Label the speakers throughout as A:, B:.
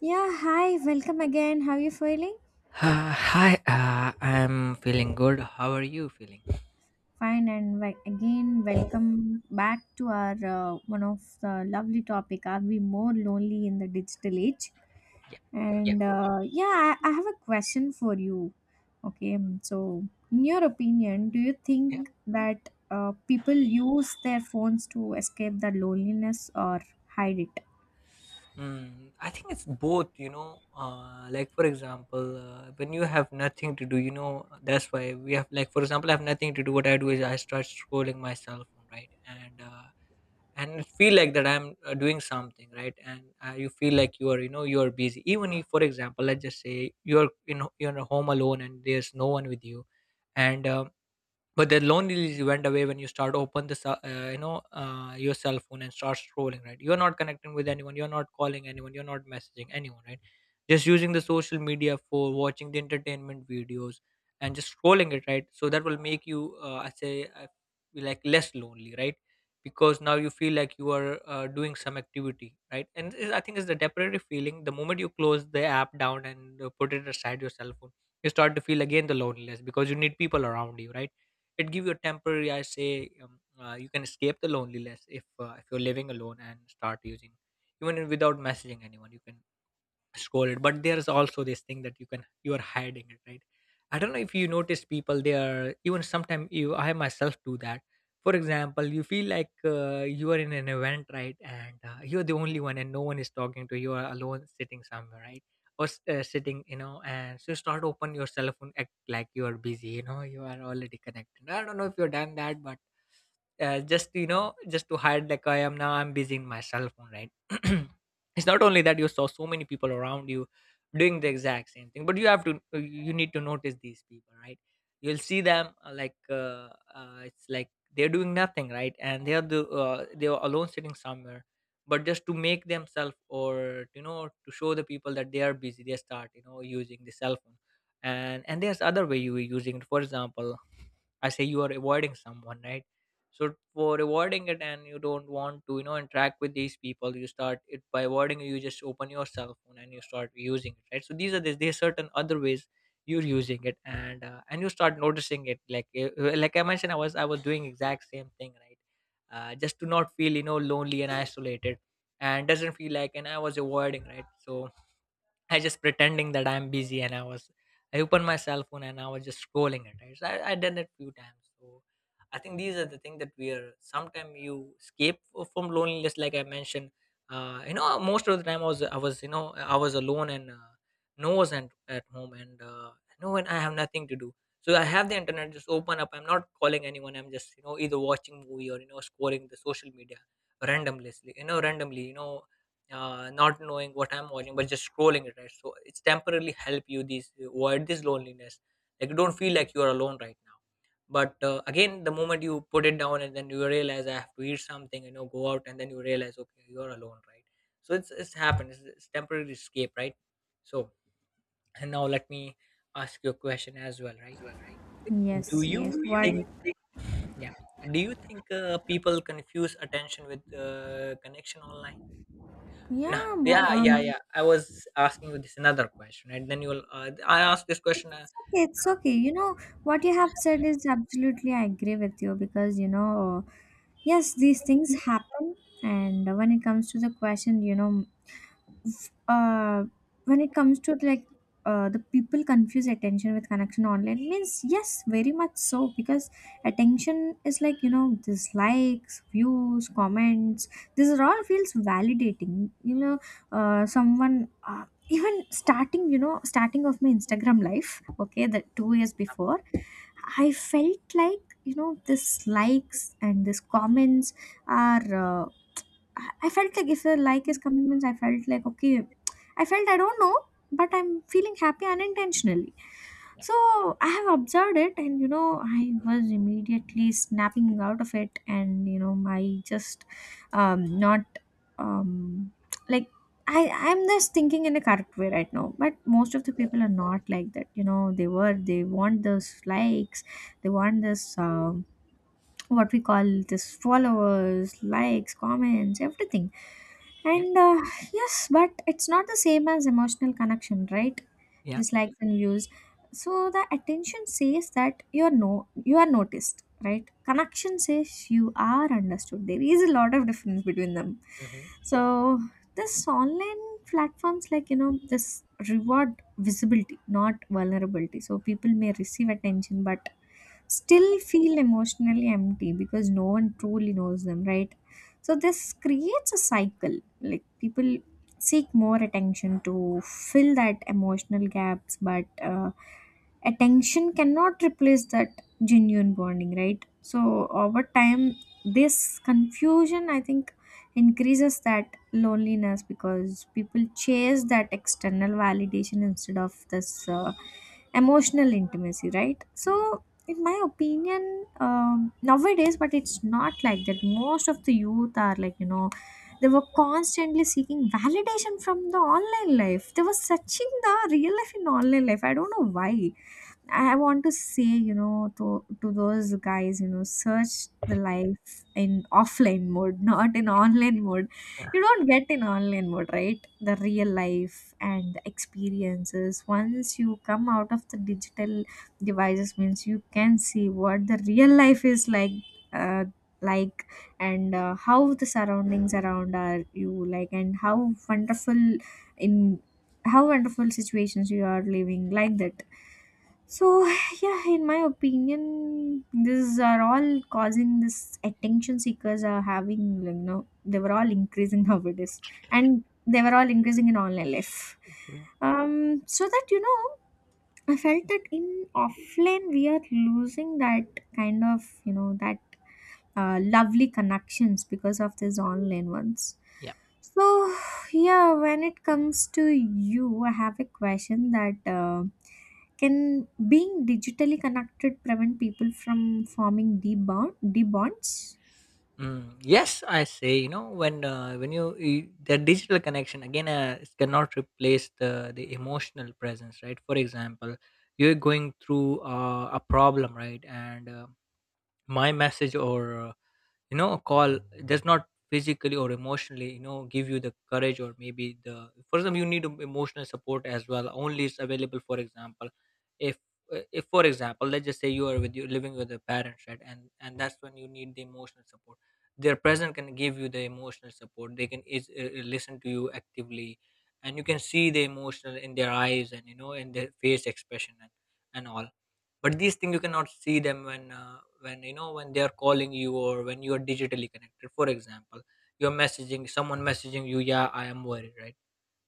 A: Yeah, hi, welcome again. How are you feeling?
B: Hi, I'm feeling good. How are you feeling?
A: Fine, and again, welcome back to our one of the lovely topic. Are we more lonely in the digital age?
B: Yeah,
A: And yeah, I have a question for you. Okay, so in your opinion, do you
B: yeah.
A: think that people use their phones to escape the loneliness or hide it?
B: I think it's both. Like, for example, when you have nothing to do, that's why we have, like, for example, I have nothing to do. What I do is I start scrolling my cell phone, right? And it feel like that I'm doing something, right? And you feel like you are busy. Even if, for example, let's just say you're home alone and there's no one with you, and but the loneliness went away when you start open this your cell phone and start scrolling, right? You're not connecting with anyone, you're not calling anyone, you're not messaging anyone, right? Just using the social media for watching the entertainment videos and just scrolling it, right? So that will make you I say uh, like less lonely, right? Because now you feel like you are doing some activity, right? And I think it's the temporary feeling. The moment you close the app down and put it aside your cell phone, you start to feel again the loneliness because you need people around you, right? It give you a temporary, I say, you can escape the loneliness if if you're living alone and start using, even without messaging anyone. You can scroll it, but there's also this thing that you are hiding it, right? I don't know if you notice people, they are even sometimes, you, I myself do that. For example, you feel like you are in an event, right? And you're the only one and no one is talking to you, are alone sitting somewhere, right? Or sitting, and so you start open your cell phone, act like you are busy, you are already connected. I don't know if you've done that, but just you know just to hide, like I am now, I'm busy in my cell phone, right. It's not only that you saw so many people around you doing the exact same thing, but you need to notice these people, right? You'll see them like it's like they're doing nothing, right, and they're alone sitting somewhere, but just to make themselves, or to show the people that they are busy, they start using the cell phone. And there's other way you were using it. For example, I say you are avoiding someone, right? So for avoiding it, and you don't want to, interact with these people, you start it by avoiding it, you just open your cell phone and you start using it, right? So there's certain other ways you're using it, and you start noticing it. Like I mentioned, I was doing exact same thing, right? Just to not feel lonely and isolated, and doesn't feel like, and I was avoiding, right? So I just pretending that I'm busy and I opened my cell phone, and I was just scrolling it, right? So I done it few times. So I think these are the things that we are sometimes you escape from loneliness, like I mentioned. Most of the time I was alone, and no, was at home, and when I have nothing to do. So I have the internet just open up. I'm not calling anyone. I'm just, either watching movie, or scrolling the social media randomly. Randomly. Not knowing what I'm watching, but just scrolling it, right? So it's temporarily help you these avoid this loneliness. Like you don't feel like you are alone right now. But again, the moment you put it down and then you realize I have to eat something, go out, and then you realize, okay, you're alone, right? So it's happened. It's temporary escape, right? So, and now let me ask you a question as well, right? Do
A: Yes,
B: you
A: yes. What?
B: think, yeah? Do you think people confuse attention with connection online? No,
A: Yeah,
B: yeah, yeah,
A: um,
B: yeah. I was asking you this another question, and then you'll. I asked this question.
A: it's okay, it's okay. You know, what you have said is absolutely, I agree with you because, you know, yes, these things happen. And when it comes to the question, you know, uh, when it comes to like the people confuse attention with connection online means yes very much so because attention is like, you know, dislikes, views, comments. This is all feels validating, you know. Uh, someone uh, even starting, you know, starting of my Instagram life, okay, the 2 years before, I felt like, you know, this likes and this comments are I felt like if a like is coming means I felt like okay, I felt I don't know, but I'm feeling happy unintentionally.
B: Yeah,
A: So I have observed it, and you know I was immediately snapping out of it, and you know I just not um like I I'm just thinking in a correct way right now, but most of the people are not like that, you know. They were, they want those likes, they want this what we call, this followers, likes, comments, everything.
B: yeah,
A: And yes, but it's not the same as emotional connection, right?
B: yeah.
A: This likes and views. So the attention says that you're no, you are noticed, right? Connection says you are understood. There is a lot of difference between them.
B: Hmm.
A: So this online platforms like, you know, this reward visibility, not vulnerability. So people may receive attention, but still feel emotionally empty because no one truly knows them, right? So this creates a cycle. Like people seek more attention to fill that emotional gaps, but attention cannot replace that genuine bonding, right? So over time this confusion, I think, increases that loneliness because people chase that external validation instead of this emotional intimacy, right? So in my opinion, nowadays, but it's not like that, most of the youth are like, you know, they were constantly seeking validation from the online life. They were searching the real life in online life, I don't know why. I want to say, you know, to those guys, you know, search the life in offline mode, not in online mode. You don't get in online mode, right? The real life and the experiences. Once you come out of the digital devices, means you can see what the real life is like. Uh, like and How the surroundings around are you like, and how wonderful in how wonderful situations you are living, like that. So, yeah, in my opinion, these are all causing this attention seekers are having, like, you know, they were all increasing nowadays, and they were all increasing in online life. So that you know, I felt that in offline we are losing that kind of, you know, that lovely connections because of these online ones.
B: Yeah.
A: So yeah, when it comes to you, I have a question that can being digitally connected prevent people from forming deep bonds?
B: Mm, yes, I say. When when you the digital connection again, it cannot replace the emotional presence, right? For example, you're going through a problem, right? And my message, or a call, does not physically or emotionally give you the courage, or maybe the, for example, you need emotional support as well, only it's available. For example, if if for example, let's just say you are with you living with your parents, right? And that's when you need the emotional support. Their presence can give you the emotional support, they can listen to you actively, and you can see the emotional in their eyes, and in their face expression, and all. But these things you cannot see them when when they are calling you, or when you are digitally connected. For example, you're messaging someone, messaging you, yeah I am worried, right?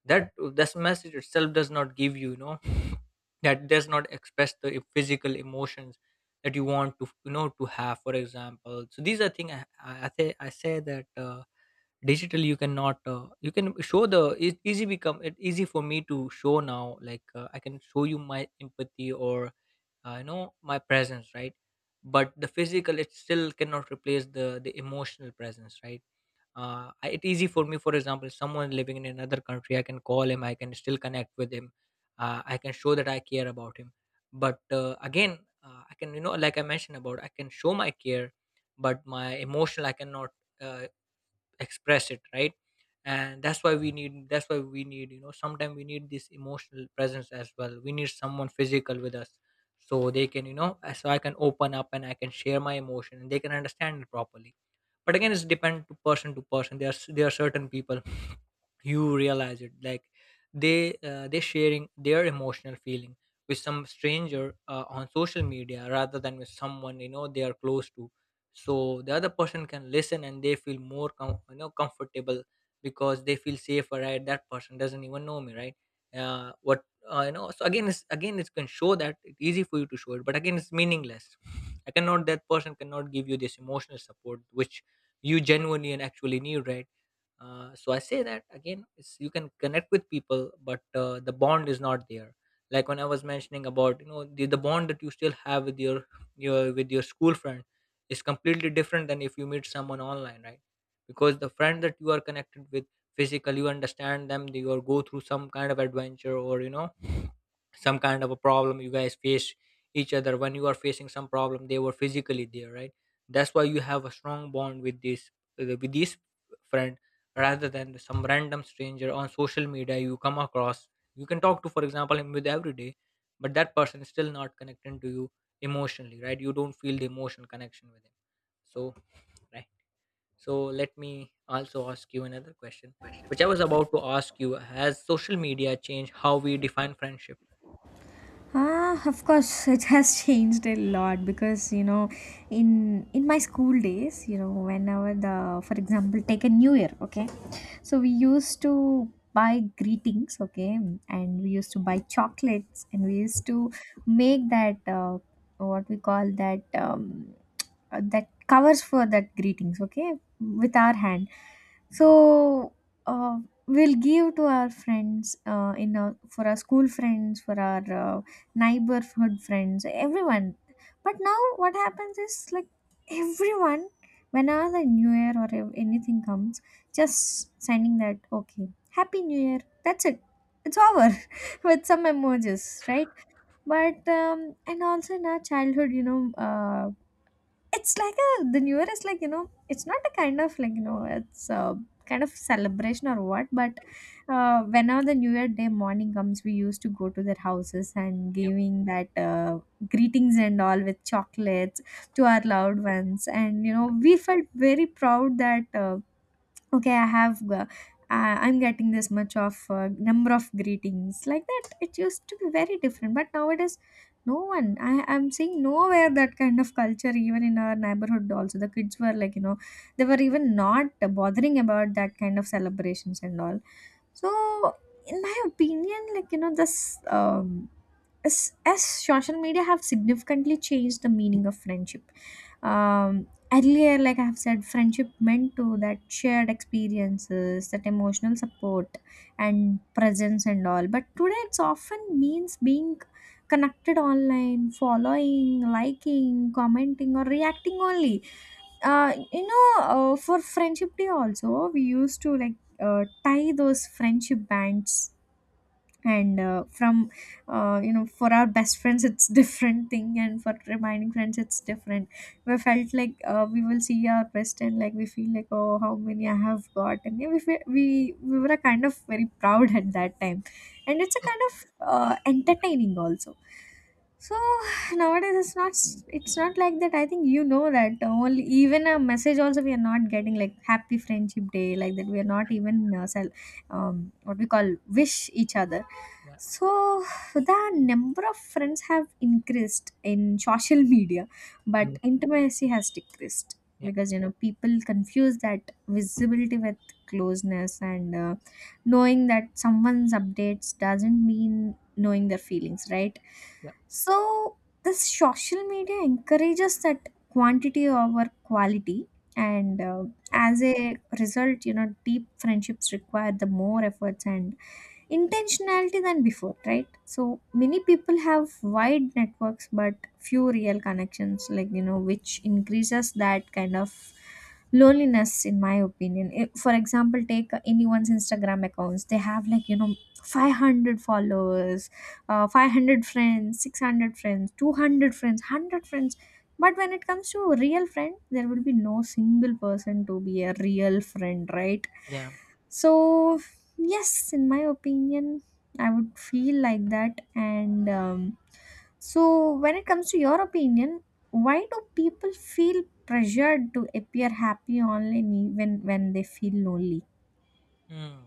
B: That this message itself does not give you you know That does not express the physical emotions that you want to to have, for example. So these are things, I say I say that, digital, you cannot, you can show the, it easy become it easy for me to show now. Like I can show you my empathy, or my presence, right? But the physical it still cannot replace the emotional presence, right? It's easy for me, for example, someone living in another country, I can call him, I can still connect with him. I can show that I care about him, but again, I can, like I mentioned about, I can show my care, but my emotional I cannot uh, express it, right. And that's why we need, sometimes we need this emotional presence as well, we need someone physical with us, so they can, so I can open up and I can share my emotion, and they can understand it properly. But again, it's depend to person to person. There are there are certain people, you realize it, like, they they sharing their emotional feeling with some stranger on social media, rather than with someone they are close to. So the other person can listen and they feel more comfortable, because they feel safer, right? That person doesn't even know me, right? What you know So again, it's, again it can show that it's easy for you to show it, but again it's meaningless. I cannot That person cannot give you this emotional support which you genuinely and actually need, right? So I say that again, you can connect with people, but the bond is not there. Like when I was mentioning about, the bond that you still have with your with your school friend, is completely different than if you meet someone online, right? Because the friend that you are connected with physically, you understand them, they or go through some kind of adventure, or some kind of a problem you guys face each other. When you are facing some problem, they were physically there, right? That's why you have a strong bond with these friend, rather than some random stranger on social media you come across. You can talk to, for example, him with every day, but that person is still not connecting to you emotionally, right? You don't feel the emotional connection with him. So, right. So let me also ask you another question, which I was about to ask you: has social media changed how we define friendship?
A: Ah, of course, it has changed a lot, because you know, in my school days, you know, whenever the, for example, take a new year, okay, so we used to buy greetings, okay, and we used to buy chocolates, and we used to make that what we call that that covers for that greetings, okay, with our hand. So uh, we'll give to our friends for our school friends, for our neighborhood friends, everyone. But now what happens is like, everyone, whenever the new year or anything comes, just sending that okay, happy new year, that's it, it's over, with some emojis, right? But and also in our childhood, you know, it's like a the new year is like, you know, it's not a kind of like, you know, it's a kind of celebration or what. But whenever the new year day morning comes, we used to go to their houses and
B: Yeah.
A: giving that greetings and all with chocolates to our loved ones, and you know we felt very proud that okay i have uh, I'm getting this much of number of greetings, like that. It used to be very different, but nowadays no one, I am seeing nowhere that kind of culture, even in our neighborhood also, the kids were like, you know, they were even not bothering about that kind of celebrations and all. So in my opinion, like you know, this um, as social media have significantly changed the meaning of friendship. um, Earlier, like I have said, friendship meant to that shared experiences, that emotional support and presence and all, but today it's often means being connected online, following, liking, commenting or reacting only. You know, for friendship day also we used to like tie those friendship bands, and from you know, for our best friends it's different thing, and for remaining friends it's different. We felt like we will see our best, and like we feel like oh, how many I have got, and yeah, we, fe- we were a kind of very proud at that time, and it's a kind of entertaining also. So nowadays it's not like that, I think, you know, that only even a message also we are not getting, like happy friendship day, like that we are not even what we call, wish each other.
B: Yeah.
A: So the number of friends have increased in social media, but
B: Mm,
A: intimacy has decreased
B: yeah.
A: because you know people confuse that visibility with closeness, and knowing that someone's updates doesn't mean knowing their feelings, right?
B: Yeah,
A: So this social media encourages that quantity over quality, and as a result, you know, deep friendships require the more efforts and intentionality than before, right? So many people have wide networks but few real connections, like you know, which increases that kind of loneliness in my opinion. Eh, for example, take anyone's Instagram accounts, they have like you know 500 followers, 500 friends, 600 friends, 200 friends, 100 friends, but when it comes to a real friend, there will be no single person to be a real friend, right?
B: yeah.
A: So yes, in my opinion, I would feel like that, and so when it comes to your opinion, why do people feel pressured to appear happy online even when they feel lonely?
B: Mm.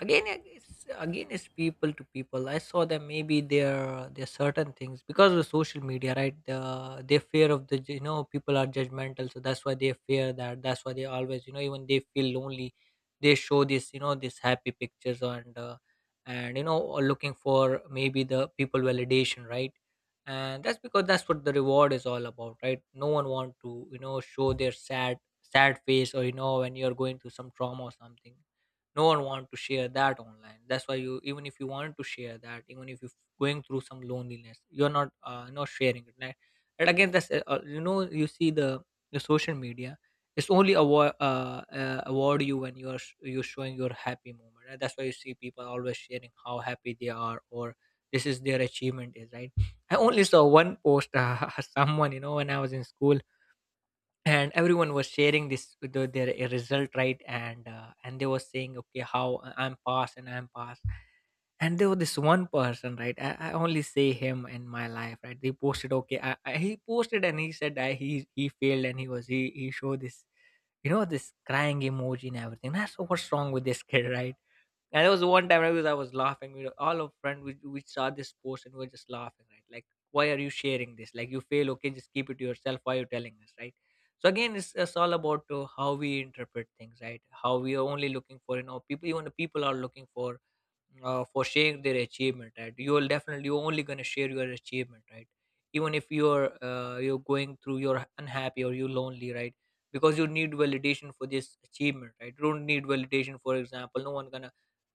B: again I- it's again it's people to people. I saw that maybe there are certain things because of social media, right? They fear of the, you know, people are judgmental, so that's why they fear that. That's why they always, you know, even they feel lonely, they show this, you know, this happy pictures and you know, or looking for maybe the people validation, right? And that's because that's what the reward is all about, right? No one want to, you know, show their sad face, or you know, when you're going through some trauma or something. No one want to share that online. That's why you, even if you want to share that, even if you're going through some loneliness, you're not not sharing it, right? And again, that's you know, you see the social media, it's only award award you when you're you're showing your happy moment, right? That's why you see people always sharing how happy they are, or this is their achievement is, right. I only saw one post someone, you know, when I was in school, and everyone was sharing their result, right? And and they were saying, okay, I'm passed and I'm passed. And there was this one person, right? I only see him in my life, right? He posted, okay, he posted and he said, he failed and he was he showed this, you know, this crying emoji and everything. That's what's wrong with this kid, right? And there was one time I was laughing. All of friend we saw this post and we were just laughing, right? Like, why are you sharing this? Like, you fail. Okay, just keep it to yourself. Why are you telling us, right? So again, it's all about how we interpret things, right? How we are only looking for, you know, people. Even the people are looking for sharing their achievement, right? You'll definitely, you're only going to share your achievement, right? Even if you're you're going through, you're unhappy or you're lonely, right? Because you need validation for this achievement, right? You don't need validation. For example, no one gonna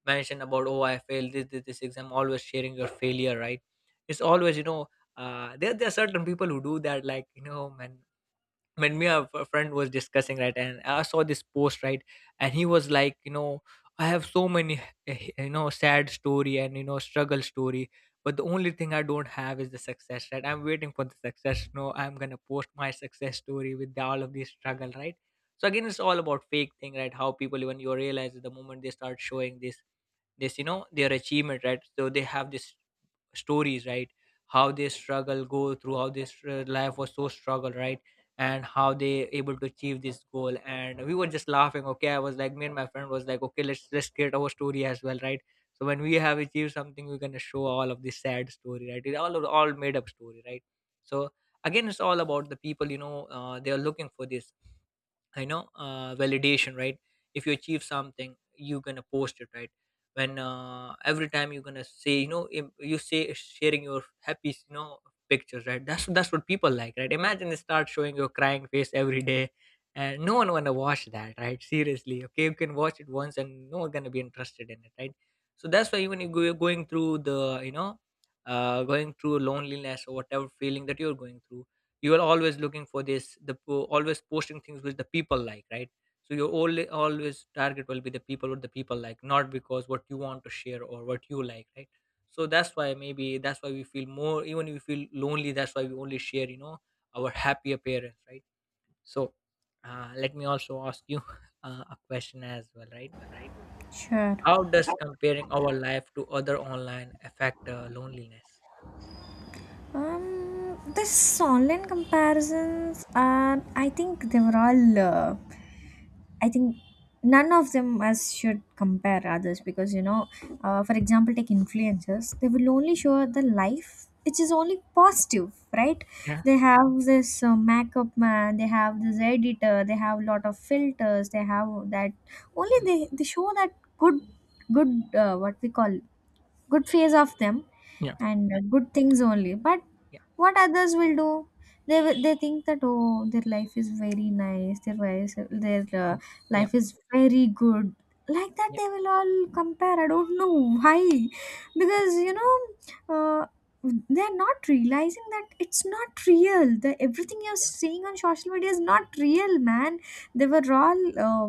B: mention about, oh, I failed this this exam. Always sharing your failure, right? It's always, you know, there are certain people who do that. Like, you know, man, when me a friend was discussing, right, and I saw this post, right, and he was like, you know, I have so many you know, sad story and you know, struggle story. But the only thing I don't have is the success, right? I'm waiting for the success. No, I'm gonna post my success story with all of this struggle, right? So again, it's all about fake thing, right? How people, even you realize the moment they start showing this, this, you know, their achievement, right? So they have this stories, right? How they struggle go through, how this life was so struggle, right? And how they able to achieve this goal. And we were just laughing. Okay, I was like, me and my friend was like, okay, let's create our story as well, right? So when we have achieved something, we're gonna show all of this sad story, right? All made up story, right? So again, it's all about the people, you know, they are looking for this, I know, validation, right? If you achieve something, you're gonna post it, right? When every time you're gonna say, you know, you say sharing your happy, you know, pictures, right? That's what people like, right? Imagine you start showing your crying face every day, and no one wanna watch that, right? Seriously, okay, you can watch it once, and no one gonna be interested in it, right? So that's why even if you're going through you know, going through loneliness or whatever feeling that you're going through, you are always looking for this, always posting things which the people like, right? So your only always target will be the people what the people like, not because what you want to share or what you like, right? So that's why maybe that's why we feel more. Even if we feel lonely, that's why we only share, you know, our happy appearance, right? So let me also ask you a question as well, right?
A: Sure.
B: How does comparing our life to other online affect loneliness?
A: The online comparisons are, I think, they were all I think none of them as should compare others, because you know, for example, take influencers. They will only show the life which is only positive, right?
B: Yeah,
A: They have this makeup man, they have this editor, they have a lot of filters, they have that only, they show that good good what we call good phase of them,
B: yeah,
A: and good things only. But
B: yeah,
A: what others will do, they think that oh, their life is very nice, their
B: yeah, yeah,
A: life is very good, like that
B: yeah, yeah,
A: they will all compare, I don't know why.
B: yeah,
A: Because you know, uh, they are not realizing that it's not real, the everything you're
B: yeah,
A: seeing on social media is not real, man. They were all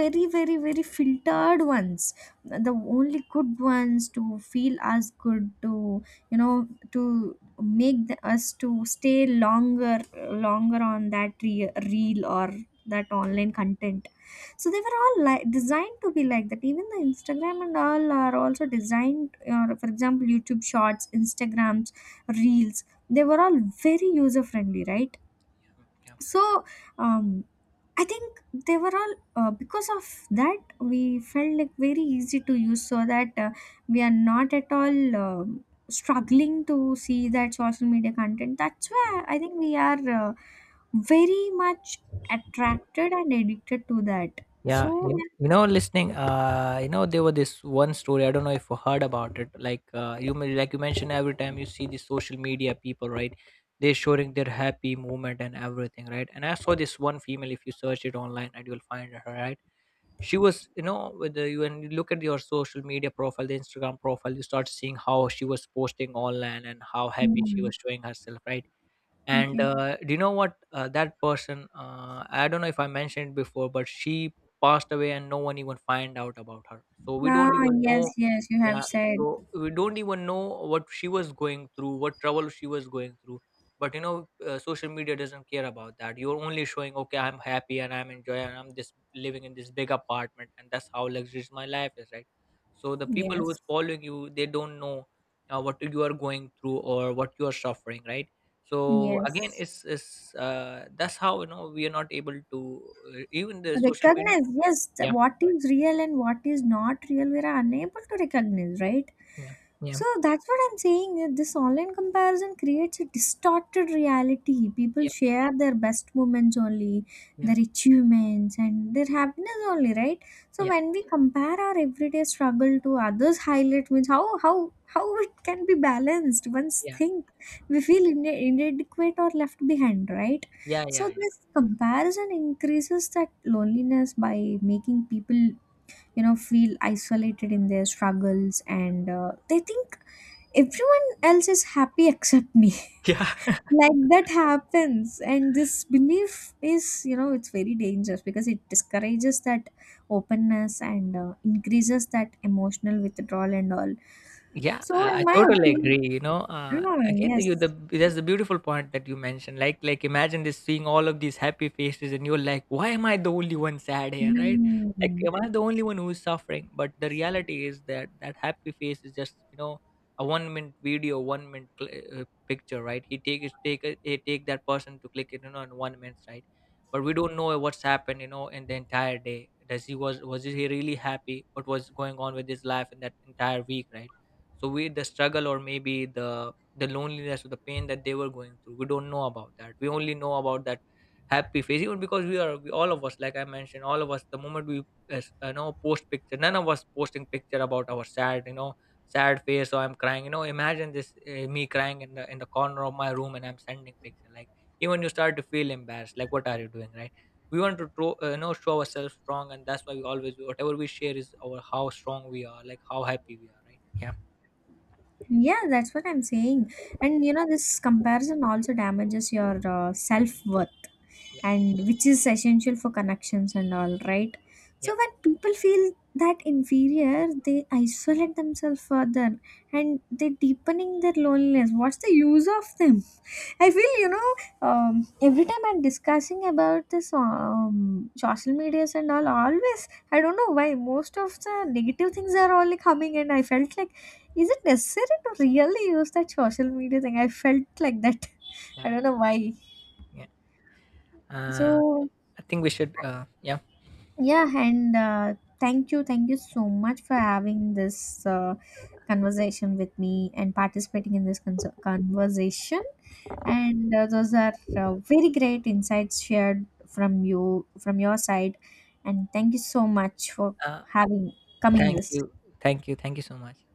A: very very very filtered ones, the only good ones, to feel us good, to you know, to make the, us to stay longer, longer on that reel or that online content. So they were all like designed to be like that, even the Instagram and all are also designed, for example, YouTube Shorts, Instagrams, reels. They were all very user friendly, right?
B: yeah.
A: So um I think they were all because of that we felt like very easy to use, so that we are not at all struggling to see that social media content. That's why I think we are very much attracted and addicted to that.
B: Yeah,
A: So,
B: you know, listening, you know, there was this one story. I don't know if you heard about it. Like, like you mentioned, every time you see the social media people, right? They're showing their happy movement and everything, right? And I saw this one female. If you search it online, and you'll find her, right? She was, you know, with you, when you look at your social media profile, the Instagram profile, you start seeing how she was posting online and how happy she
A: mm,
B: was showing herself, right? And
A: okay.
B: do you know what? That person, I don't know if I mentioned it before, but she passed away and no one even find out about her. So we don't
A: Ah,
B: even know.
A: yes, yes, you
B: Yeah.
A: have said
B: So we don't even know what she was going through, what trouble she was going through. But you know, social media doesn't care about that. You're only showing, okay, I'm happy and I'm enjoying, and I'm this living in this big apartment, and that's how luxurious my life is, right? So the people
A: yes,
B: who's following you, they don't know what you are going through or what you are suffering, right? So again,
A: yes.
B: it's that's how, you know, we are not able to even the social media.
A: Recognize, yes,
B: Yeah,
A: what is real and what is not real, we are unable to recognize, right?
B: yeah, yeah,
A: So that's what I'm saying, that this online comparison creates a distorted reality, people
B: yeah,
A: share their best moments only,
B: yeah,
A: their achievements and their happiness only, right? So
B: yeah,
A: when we compare our everyday struggle to others highlight, means how how it can be balanced, once
B: yeah,
A: think, we feel inadequate or left behind, right?
B: yeah,
A: So
B: yeah, yeah,
A: this comparison increases that loneliness by making people, you know, feel isolated in their struggles, and they think everyone else is happy except me.
B: yeah.
A: Like that happens, and this belief is, you know, it's very dangerous because it discourages that openness, and increases that emotional withdrawal and all.
B: Yeah,
A: So,
B: I
A: in my
B: totally
A: opinion,
B: agree. You know,
A: yeah,
B: again, you the
A: yes.
B: that's the beautiful point that you mentioned. Like imagine this, seeing all of these happy faces, and you're like, why am I the only one sad here, right? Like,
A: Mm.
B: am I the only one who's suffering? But the reality is that that happy face is just, you know, a 1 minute video, 1 minute picture, right? He take that person to click it, you know, in 1 minute, right? But we don't know what's happened, you know, in the entire day. Does he Was he really happy? What was going on with his life in that entire week, right? So we, the struggle or maybe the loneliness or the pain that they were going through, we don't know about that. We only know about that happy phase. Even because all of us, like I mentioned, all of us the moment we you know, post picture, none of us posting picture about our sad, you know, sad face, or I'm crying, you know. Imagine this, me crying in the corner of my room and I'm sending picture. Like, even you start to feel embarrassed, like, what are you doing, right? We want to you know, show ourselves strong. And that's why we always, whatever we share is our how strong we are, like how happy we are, right? Yeah,
A: Yeah, that's what I'm saying. And you know, this comparison also damages your self worth,
B: yeah.
A: and which is essential for connections and all, right?
B: Yeah.
A: So when people feel that inferior, they isolate themselves further, and they deepening their loneliness. What's the use of them? I
B: Yeah.
A: feel, you know, every time I'm discussing about this social medias and all, always I don't know why most of the negative things are only coming, and I felt like, is it necessary to really use that social media thing? I felt like that. I
B: Yeah,
A: don't know why.
B: yeah. Uh,
A: So
B: I think we should. Yeah.
A: yeah, and thank you so much for having this conversation with me and participating in this conversation. And those are very great insights shared from you, from your side. And thank you so much for
B: Uh,
A: having coming
B: Thank
A: this.
B: you, thank you, thank you so much.